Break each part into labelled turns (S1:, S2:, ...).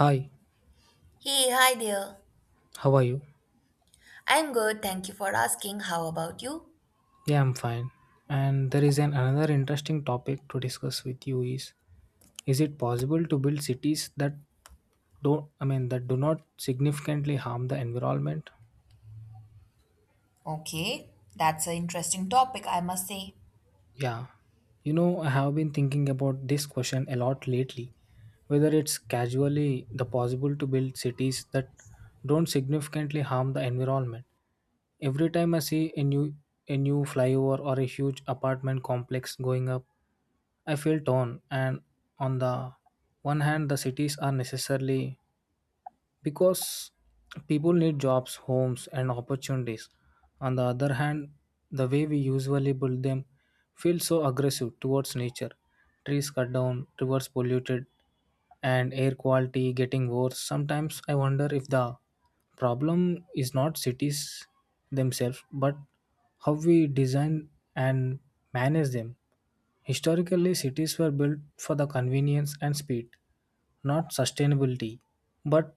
S1: Hi,
S2: Hey, hi there.
S1: how are you?
S2: I'm good, thank you for asking. How about you?
S1: Yeah, I'm fine. And there is an another interesting topic to discuss with you is it possible to build cities that don't I mean that do not significantly harm the environment?
S2: Okay, that's an interesting topic, I must say.
S1: Yeah, I have been thinking about this question a lot lately whether it's casually the possible to build cities that don't significantly harm the environment. Every time I see a new flyover or a huge apartment complex going up, I feel torn and on the one hand the cities are necessarily because people need jobs, homes, and opportunities. On the other hand, the way we usually build them feels so aggressive towards nature. Trees cut down, rivers polluted, and air quality getting worse. Sometimes I wonder if the problem is not cities themselves, but how we design and manage them. Historically, cities were built for the convenience and speed, not sustainability. But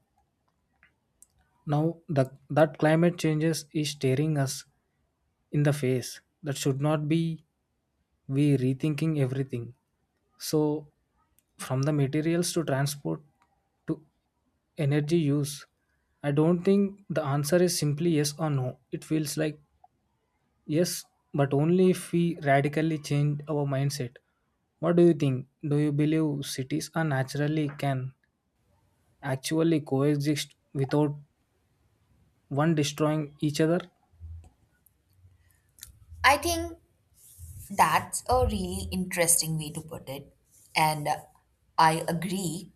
S1: now that climate changes is staring us in the face. That should not be we rethinking everything. So from the materials to transport to energy use, I don't think the answer is simply yes or no. It feels like yes, but only if we radically change our mindset. What do you think? Do you believe cities are naturally can actually coexist without one destroying each other?
S2: I think that's a really interesting way to put it, and I agree.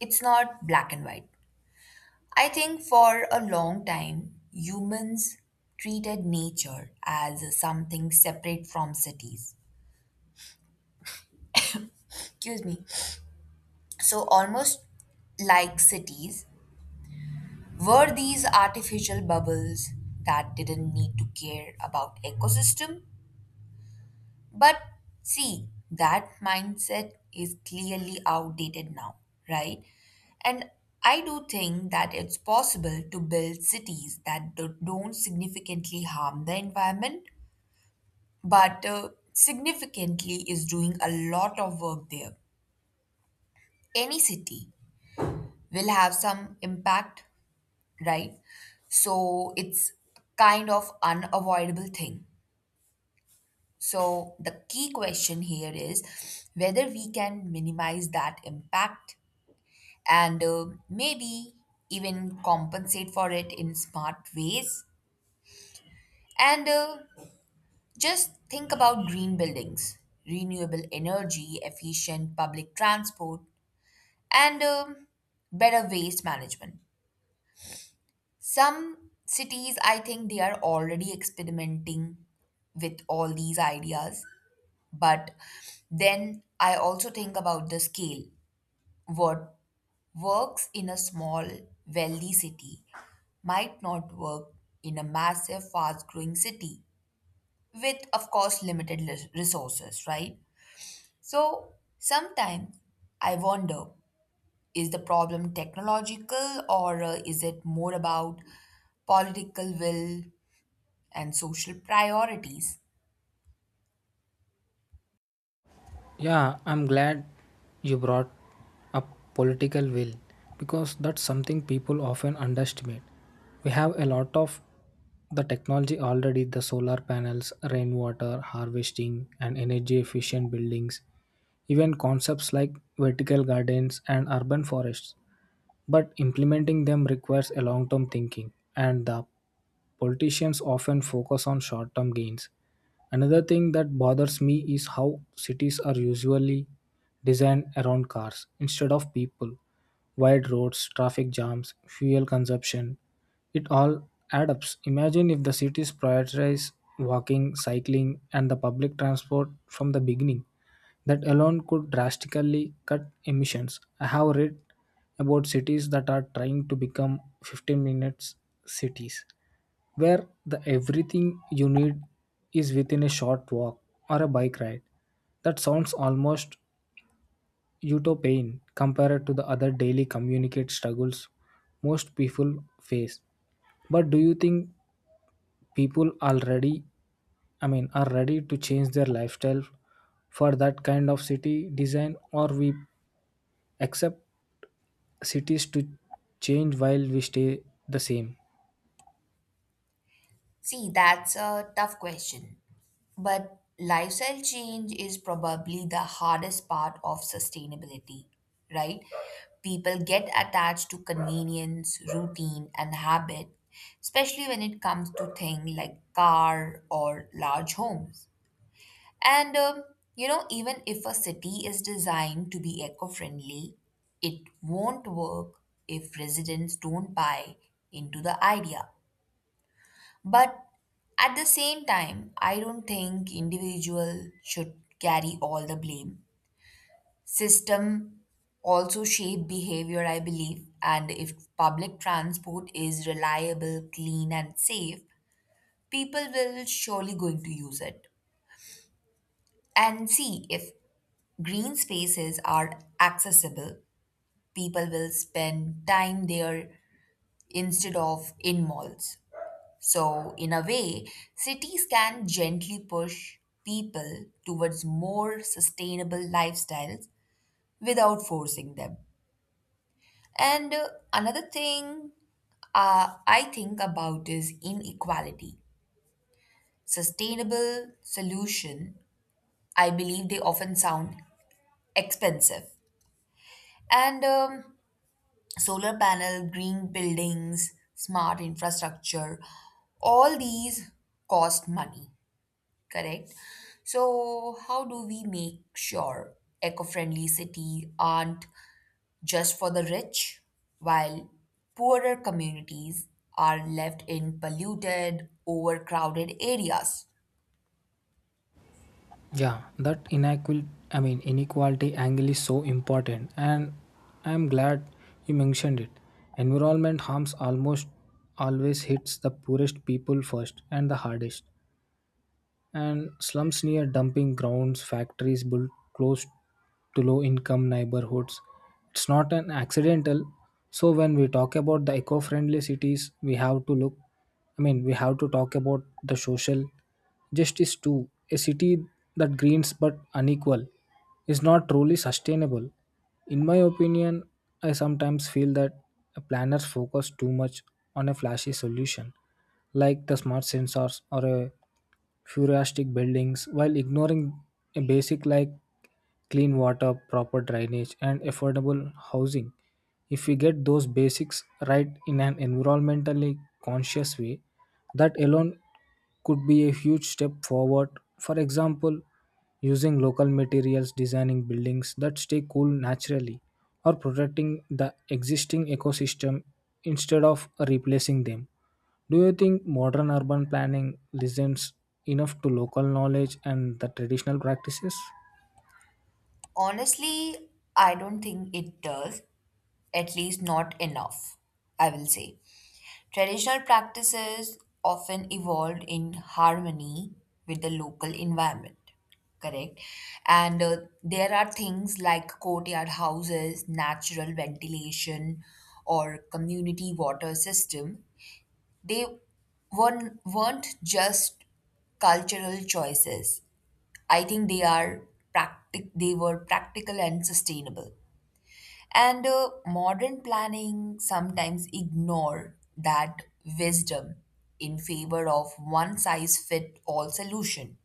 S2: It's not black and white. I think for a long time, humans treated nature as something separate from cities. Excuse me. So, almost like cities, were these artificial bubbles that didn't need to care about ecosystem? But see, that mindset is clearly outdated now, right? And I do think that it's possible to build cities that don't significantly harm the environment, but significantly is doing a lot of work there. Any city will have some impact, right? So it's kind of unavoidable thing. So the key question here is whether we can minimize that impact and, maybe even compensate for it in smart ways. And Just think about green buildings, renewable energy, efficient public transport, and better waste management. Some cities, I think they are already experimenting with all these ideas. But then I also think about the scale. What works in a small, wealthy city might not work in a massive, fast growing city with, of course, limited resources, right? So sometimes I wonder, is the problem technological, or is it more about political will and social priorities?
S1: Yeah, I'm glad you brought up political will because that's something people often underestimate. We have a lot of the technology already the solar panels, rainwater harvesting, and energy efficient buildings, even concepts like vertical gardens and urban forests. But implementing them requires a long term thinking, and the politicians often focus on short term gains. Another thing that bothers me is how cities are usually designed around cars instead of people. Wide roads, traffic jams, fuel consumption, it all adds up. Imagine if the cities prioritize walking, cycling, and the public transport from the beginning. That alone could drastically cut emissions. I have read about cities that are trying to become 15 minutes cities where the everything you need is within a short walk or a bike ride. That sounds almost utopian compared to the other daily communicate struggles most people face. But do you think people already I mean are ready to change their lifestyle for that kind of city design or we accept cities to change while we stay the same?
S2: See, that's a tough question. But lifestyle change is probably the hardest part of sustainability, right? People get attached to convenience, routine, and habit, especially when it comes to things like car or large homes. And um, Even if a city is designed to be eco-friendly, it won't work if residents don't buy into the idea. But at the same time, I don't think individual should carry all the blame. System also shape behavior, I believe, and if public transport is reliable, clean and safe, people will surely going to use it. And see, if green spaces are accessible, people will spend time there instead of in malls. So, in a way, cities can gently push people towards more sustainable lifestyles without forcing them. And Another thing I think about is inequality. Sustainable solution, I believe, they often sound expensive. And Solar panel, green buildings, smart infrastructure, all these cost money. Correct. So, how do we make sure eco-friendly city aren't just for the rich, while poorer communities are left in polluted, overcrowded areas?
S1: Yeah, that inequality. I mean inequality angle is so important and I am glad you mentioned it. Environment harms almost always hits the poorest people first and the hardest and slums near dumping grounds, factories built close to low income neighborhoods. It's not an accidental. So when we talk about the eco-friendly cities, we have to talk about the social justice too. A city that greens but unequal is not truly sustainable. In my opinion, I sometimes feel that planners focus too much on a flashy solution like the smart sensors or a futuristic buildings while ignoring a basic like clean water, proper drainage, and affordable housing. If we get those basics right in an environmentally conscious way, that alone could be a huge step forward. For example, using local materials, designing buildings that stay cool naturally, or protecting the existing ecosystem instead of replacing them. Do you think modern urban planning listens enough to local knowledge and the traditional practices?
S2: Honestly, I don't think it does, at least not enough, I will say. Traditional practices often evolved in harmony with the local environment, correct? And There are things like courtyard houses, natural ventilation, or community water system. They weren't just cultural choices. I think they are they were practical and sustainable. And Modern planning sometimes ignore that wisdom in favor of one size fit all solution,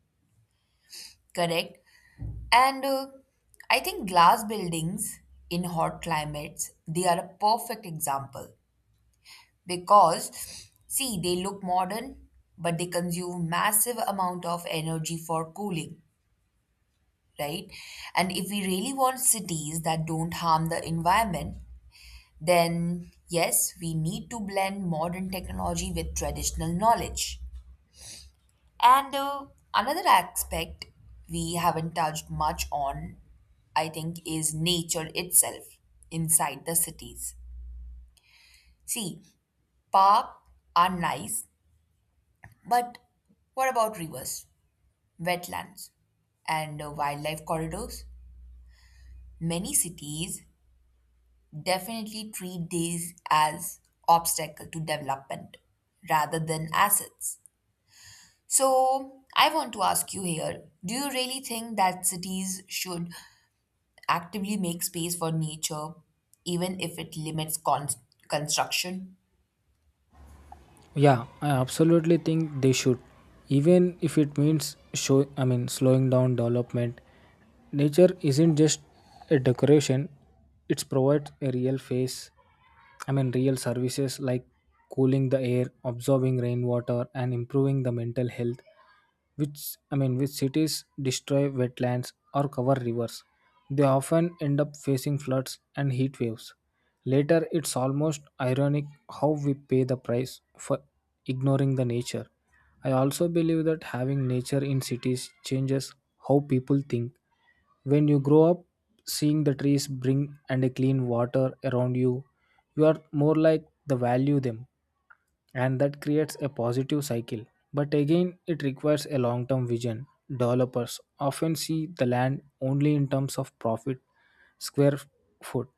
S2: correct? And I think glass buildings in hot climates, they are a perfect example because, see, they look modern, but they consume massive amount of energy for cooling, right? And if we really want cities that don't harm the environment, then yes, we need to blend modern technology with traditional knowledge. And Another aspect we haven't touched much on, I think, is nature itself inside the cities. See, parks are nice, but what about rivers, wetlands, and, wildlife corridors? Many cities definitely treat these as obstacle to development rather than assets. So, I want to ask you here, do you really think that cities should actively make space for nature, even if it limits construction?
S1: Yeah, I absolutely think they should. Even if it means show I mean slowing down development. Nature isn't just a decoration, it provides a real face I mean real services like cooling the air, absorbing rainwater and improving the mental health which I mean which cities destroy wetlands or cover rivers. They often end up facing floods and heat waves. Later it's almost ironic how we pay the price for ignoring the nature. I also believe that having nature in cities changes how people think. When you grow up seeing the trees bring and a clean water around you, you are more like the value them and that creates a positive cycle. But again, it requires a long term vision. Developers often see the land only in terms of profit square foot.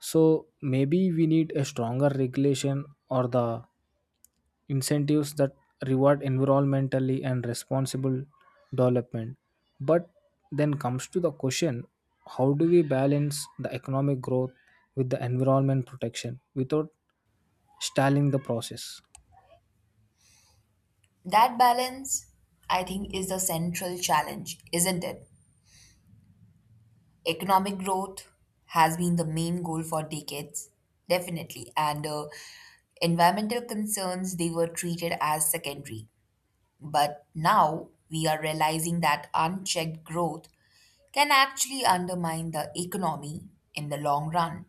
S1: So maybe we need a stronger regulation or the incentives that reward environmentally and responsible development. But then comes to the question how do we balance the economic growth with the environment protection without stalling the process?
S2: That balance, I think, is the central challenge, isn't it? Economic growth has been the main goal for decades, definitely, and environmental concerns they were treated as secondary. But now we are realizing that unchecked growth can actually undermine the economy in the long run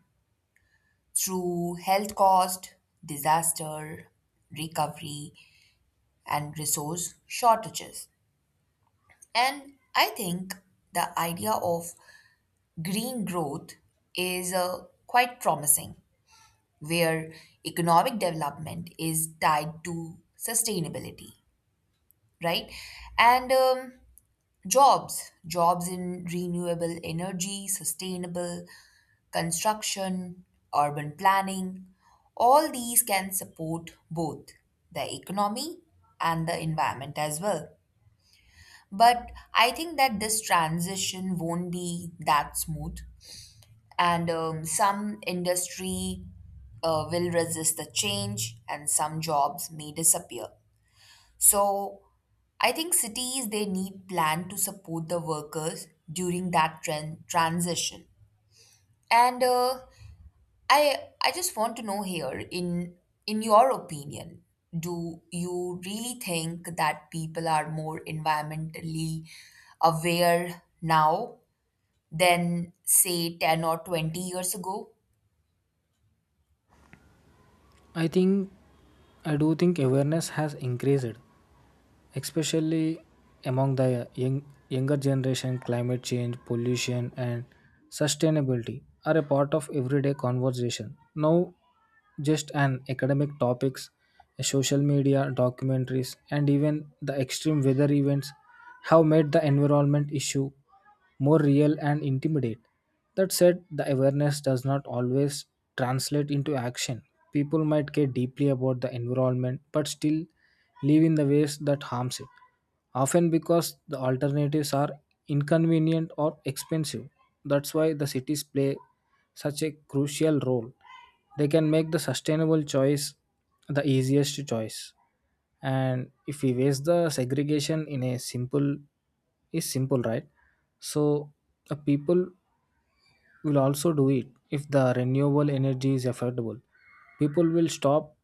S2: through health cost, disaster recovery, and resource shortages. And I think the idea of green growth is, quite promising, where economic development is tied to sustainability, right? And Jobs in renewable energy, sustainable construction, urban planning, all these can support both the economy and the environment as well. But I think that this transition won't be that smooth, and, some industry will resist the change, and some jobs may disappear. So I think cities they need plan to support the workers during that transition. And I I just want to know here, in your opinion, do you really think that people are more environmentally aware now than say 10 or 20 years ago?
S1: I think I do think awareness has increased, especially among the young, younger generation. Climate change, pollution, and sustainability are a part of everyday conversation. Now, just an academic topics, social media, documentaries, and even the extreme weather events have made the environment issue more real and intimidate. That said, the awareness does not always translate into action. People might care deeply about the environment but still live in the ways that harms it, often because the alternatives are inconvenient or expensive. That's why the cities play such a crucial role. They can make the sustainable choice the easiest choice, and if we waste the segregation in a simple is simple right? So the people will also do it. If the renewable energy is affordable, people will stop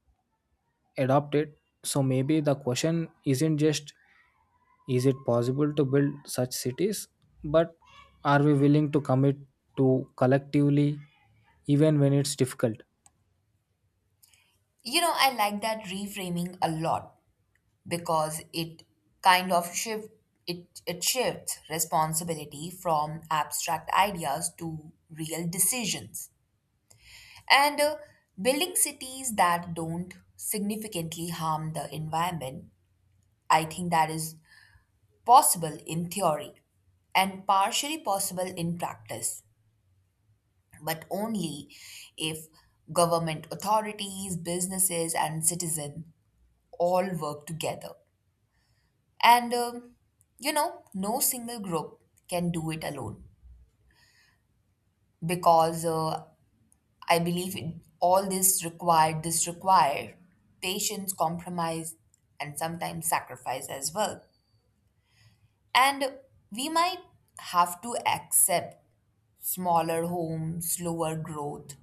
S1: adopt it. So maybe the question isn't just, is it possible to build such cities, but are we willing to commit to collectively even when it's difficult?
S2: You know, I like that reframing a lot because it kind of shift it it shifts responsibility from abstract ideas to real decisions. And Building cities that don't significantly harm the environment, I think that is possible in theory and partially possible in practice, but only if government authorities, businesses, and citizens all work together. And um, no single group can do it alone because, I believe in all this required patience, compromise, and sometimes sacrifice as well. And we might have to accept smaller home, slower growth,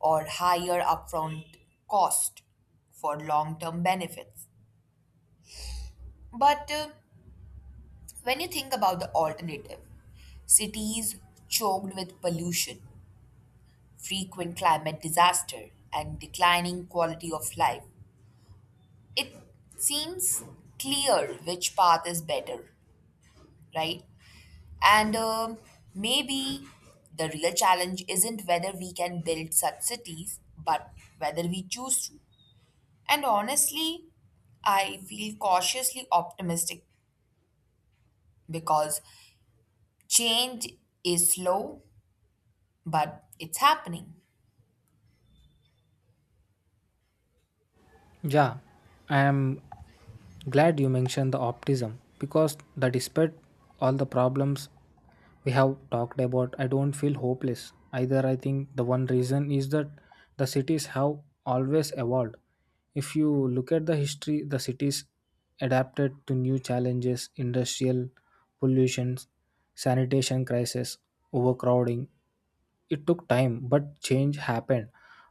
S2: or higher upfront cost for long term benefits. But, when you think about the alternative, cities choked with pollution, frequent climate disaster, and declining quality of life, it seems clear which path is better, right? And Maybe the real challenge isn't whether we can build such cities, but whether we choose to. And honestly, I feel cautiously optimistic because change is slow, but it's happening.
S1: Yeah, I am glad you mentioned the optimism because that, despite all the problems we have talked about, I don't feel hopeless either. I think the one reason is that the cities have always evolved. If you look at the history, the cities adapted to new challenges, industrial pollution, sanitation crisis, overcrowding, it took time, but change happened.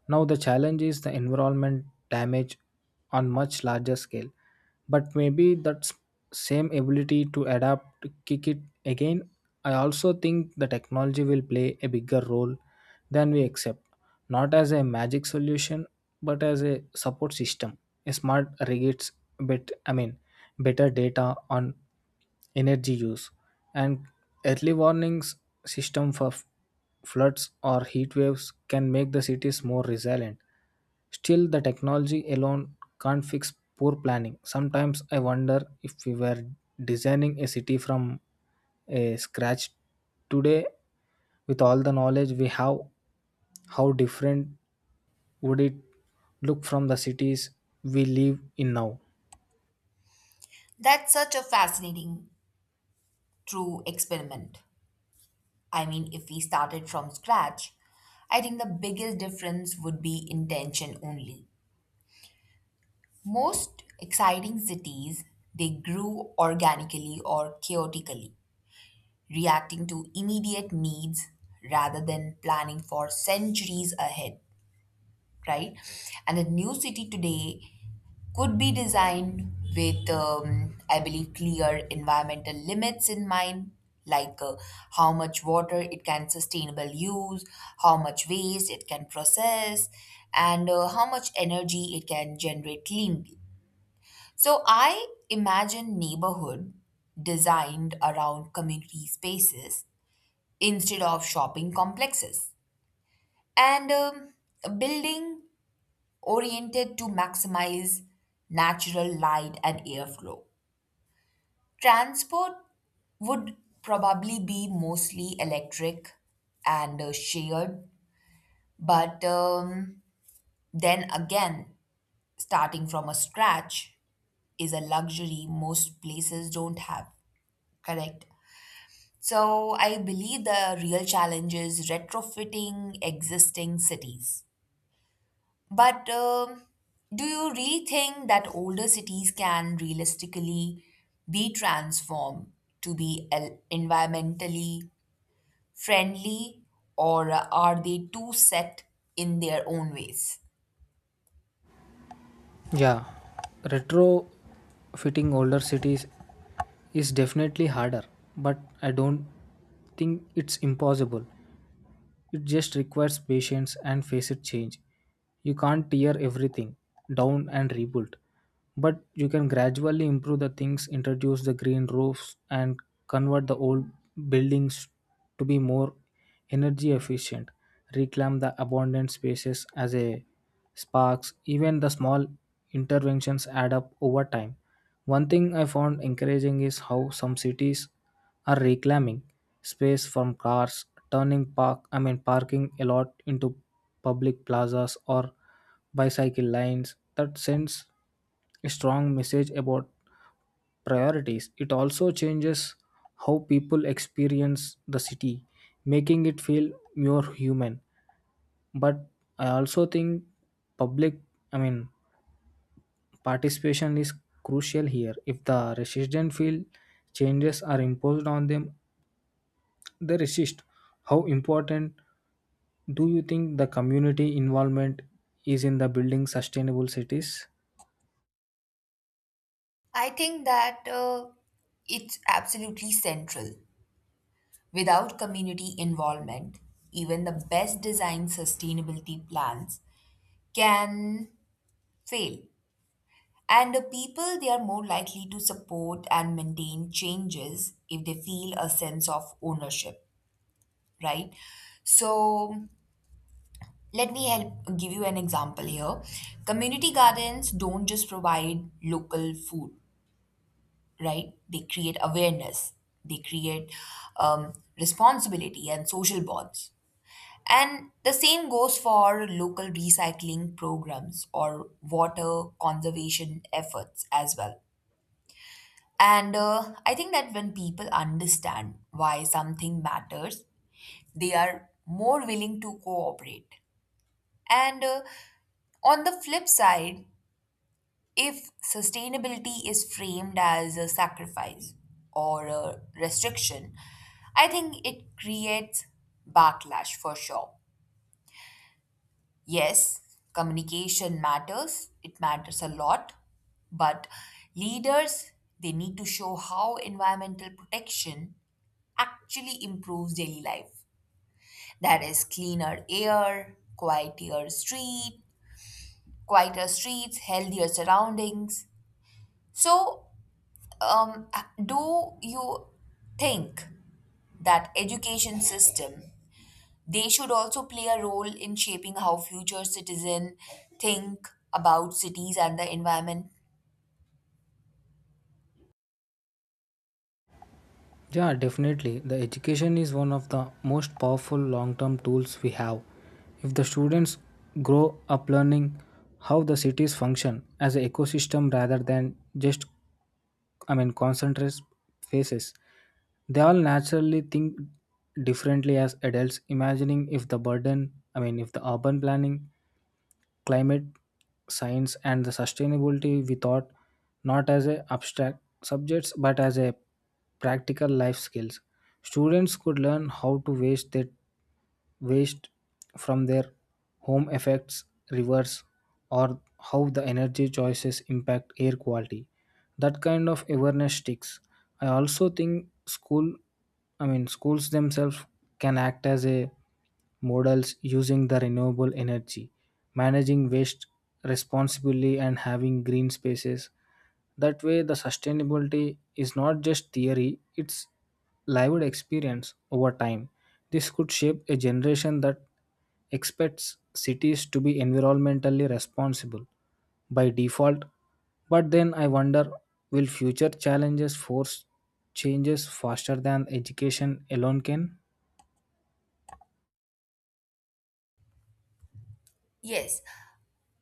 S1: Now the challenge is the environment damage on much larger scale. But maybe that same ability to adapt, to kick it again. I also think the technology will play a bigger role than we accept, not as a magic solution but as a support system, a smart regulates bet i mean better data on energy use and early warnings system for floods or heat waves can make the cities more resilient. Still the technology alone can't fix poor planning. Sometimes I wonder if we were designing a city from a scratch today with all the knowledge we have, how different would it look from the cities we live in now?
S2: That's such a fascinating, true experiment. I mean, if we started from scratch, I think the biggest difference would be intention only. Most exciting cities, they grew organically or chaotically, reacting to immediate needs rather than planning for centuries ahead, right? And a new city today could be designed with, I believe, clear environmental limits in mind, like, how much water it can sustainable use, how much waste it can process, and, how much energy it can generate cleanly. So I imagine neighborhood designed around community spaces instead of shopping complexes, and a building oriented to maximize natural light and airflow. Transport would probably be mostly electric and, shared, but, then again, starting from a scratch is a luxury most places don't have. Correct. So I believe the real challenge is retrofitting existing cities. But, do you really think that older cities can realistically be transformed to be environmentally friendly, or are they too set in their own ways?
S1: Yeah, retrofitting older cities is definitely harder, but I don't think it's impossible. It just requires patience and facet change. You can't tear everything down and rebuild, but you can gradually improve the things, introduce the green roofs, and convert the old buildings to be more energy efficient. Reclaim the abundant spaces as a sparks. Even the small interventions add up over time. One thing I found encouraging is how some cities are reclaiming space from cars, turning parking a lot into public plazas or bicycle lanes. That sends a strong message about priorities. It also changes how people experience the city, making it feel more human. But I also think public I mean participation is crucial here. If the resident feel changes are imposed on them, they resist. How important do you think the community involvement is in the building sustainable cities?
S2: I think that, it's absolutely central. Without community involvement, even the best designed sustainability plans can fail. And the people, they are more likely to support and maintain changes if they feel a sense of ownership, right? So, let me help give you an example here. Community gardens don't just provide local food, right? They create awareness, they create, um, responsibility and social bonds. And the same goes for local recycling programs or water conservation efforts as well. And I think that when people understand why something matters, they are more willing to cooperate. And On the flip side, if sustainability is framed as a sacrifice or a restriction, I think it creates backlash for sure. Yes, communication matters, it matters a lot, but leaders they need to show how environmental protection actually improves daily life. That is cleaner air, quieter streets, healthier surroundings. So, um, do you think that education system they should also play a role in shaping how future citizen think about cities and the environment?
S1: Yeah, definitely. The education is one of the most powerful long term tools we have. If the students grow up learning how the cities function as an ecosystem rather than just, concentrate phases, they all naturally think differently as adults, imagining if the burden, I mean, if the urban planning climate science and the sustainability we thought not as a abstract subjects but as a practical life skills. Students could learn how to waste their waste from their home effects rivers or how the energy choices impact air quality. That kind of awareness sticks. I also think schools themselves can act as a models, using the renewable energy, managing waste responsibly and having green spaces. That way the sustainability is not just theory, it's lived experience over time. This could shape a generation that expects cities to be environmentally responsible by default. But then I wonder, will future challenges force changes faster than education alone can?
S2: Yes,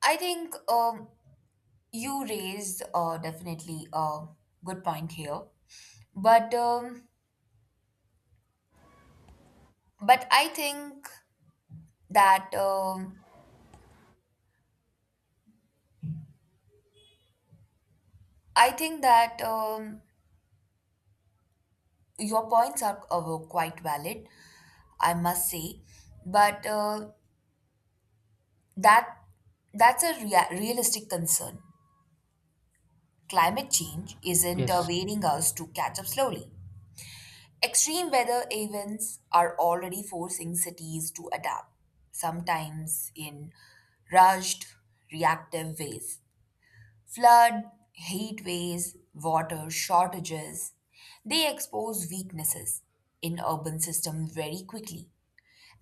S2: I think, you raised, definitely a good point here, but um, but that um, I think that your points are, quite valid, I must say, but, that that's a realistic concern. Climate change isn't,
S1: Yes,
S2: waiting us to catch up slowly. Extreme weather events are already forcing cities to adapt, sometimes in rushed, reactive ways. Flood, heat waves, water shortages, they expose weaknesses in urban systems very quickly.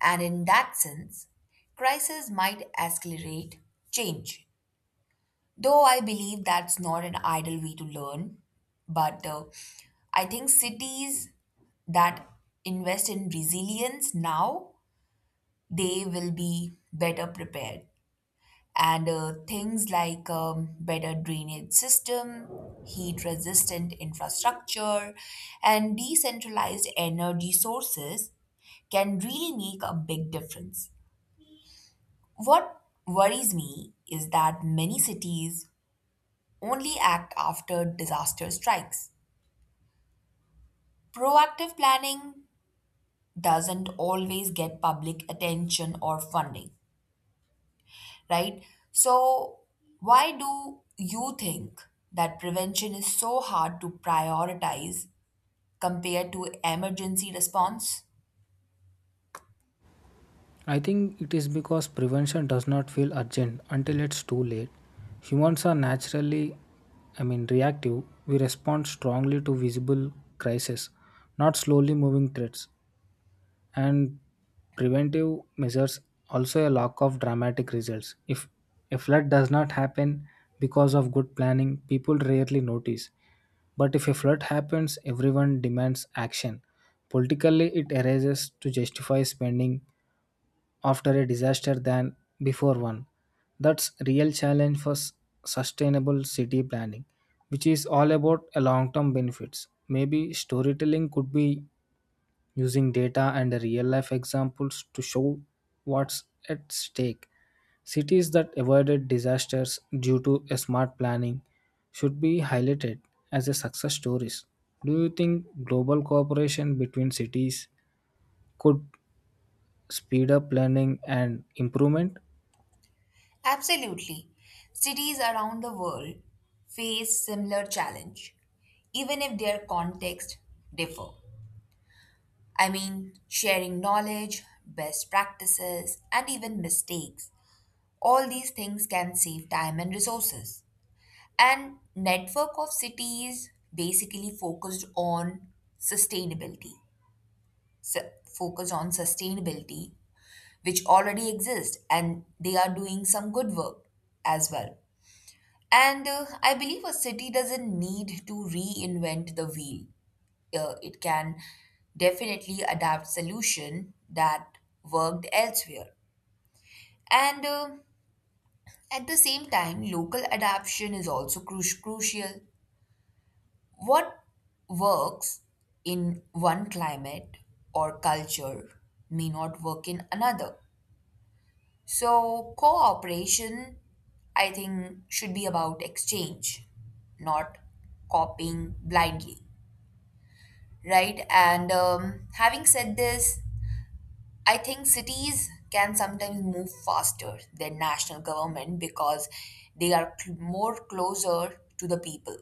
S2: And in that sense, crisis might accelerate change. Though I believe that's not an ideal way to learn, but, I think cities that invest in resilience now, they will be better prepared, and, things like, better drainage system, heat resistant infrastructure, and decentralized energy sources can really make a big difference. What worries me is that many cities only act after disaster strikes. Proactive planning doesn't always get public attention or funding, right? So, why do you think that prevention is so hard to prioritize compared to emergency response?
S1: I think it is because prevention does not feel urgent until it's too late. Humans are naturally, reactive. We respond strongly to visible crises, not slowly moving threats. And preventive measures also a lack of dramatic results. If a flood does not happen because of good planning, people rarely notice. But if a flood happens, everyone demands action. Politically, it arises to justify spending after a disaster than before one. That's real challenge for sustainable city planning, which is all about a long-term benefits. Maybe storytelling could be using data and real-life examples to show what's at stake. Cities that avoided disasters due to a smart planning should be highlighted as a success stories. Do you think global cooperation between cities could speed up learning and improvement?
S2: Absolutely. Cities around the world face similar challenge, even if their context differ. I mean, sharing knowledge, best practices, and even mistakes. All these things can save time and resources. And network of cities basically focused on sustainability, su- focused on sustainability, which already exist, and they are doing some good work as well. And I believe a city doesn't need to reinvent the wheel. It can definitely adapt solution that worked elsewhere. And At the same time, local adaptation is also crucial. What works in one climate or culture may not work in another. So, cooperation, I think, should be about exchange, not copying blindly, right? And Having said this, I think cities can sometimes move faster than national government because they are more closer to the people.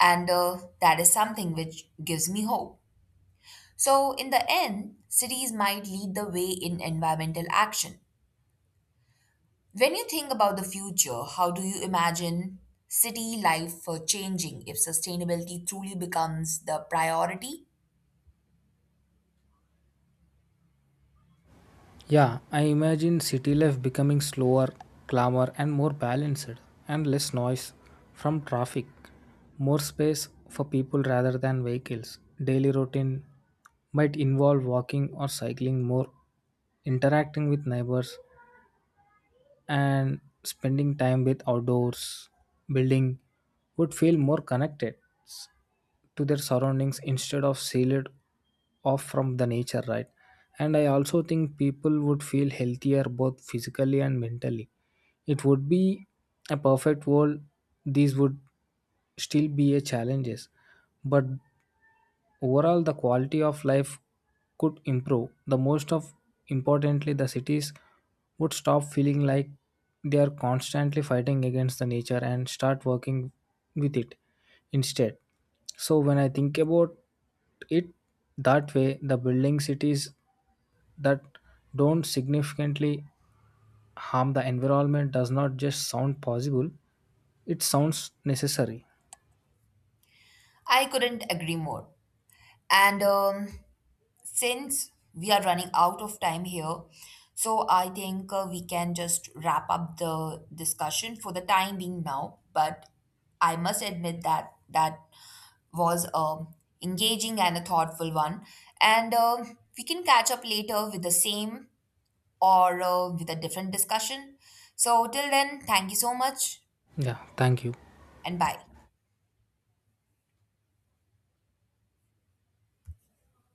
S2: And That is something which gives me hope. So, in the end, cities might lead the way in environmental action. When you think about the future, how do you imagine city life for changing if sustainability truly becomes the priority?
S1: Yeah, I imagine city life becoming slower, calmer, and more balanced, and less noise from traffic, more space for people rather than vehicles. Daily routine might involve walking or cycling more, interacting with neighbors, and spending time with outdoors. Building would feel more connected s- to their surroundings instead of sealed off from the nature, right? And I also think people would feel healthier both physically and mentally. It would be a perfect world. These would still be a challenges, but overall, the quality of life could improve. The most of importantly, the cities would stop feeling like they are constantly fighting against the nature and start working with it instead. So when I think about it that way, the building cities that don't significantly harm the environment does not just sound possible, it sounds necessary.
S2: I couldn't agree more. And Since we are running out of time here, so I think, we can just wrap up the discussion for the time being now. But I must admit that was, engaging and a thoughtful one. And We can catch up later with the same or, with a different discussion. So, till then, thank you so much
S1: Yeah, thank you.
S2: and bye.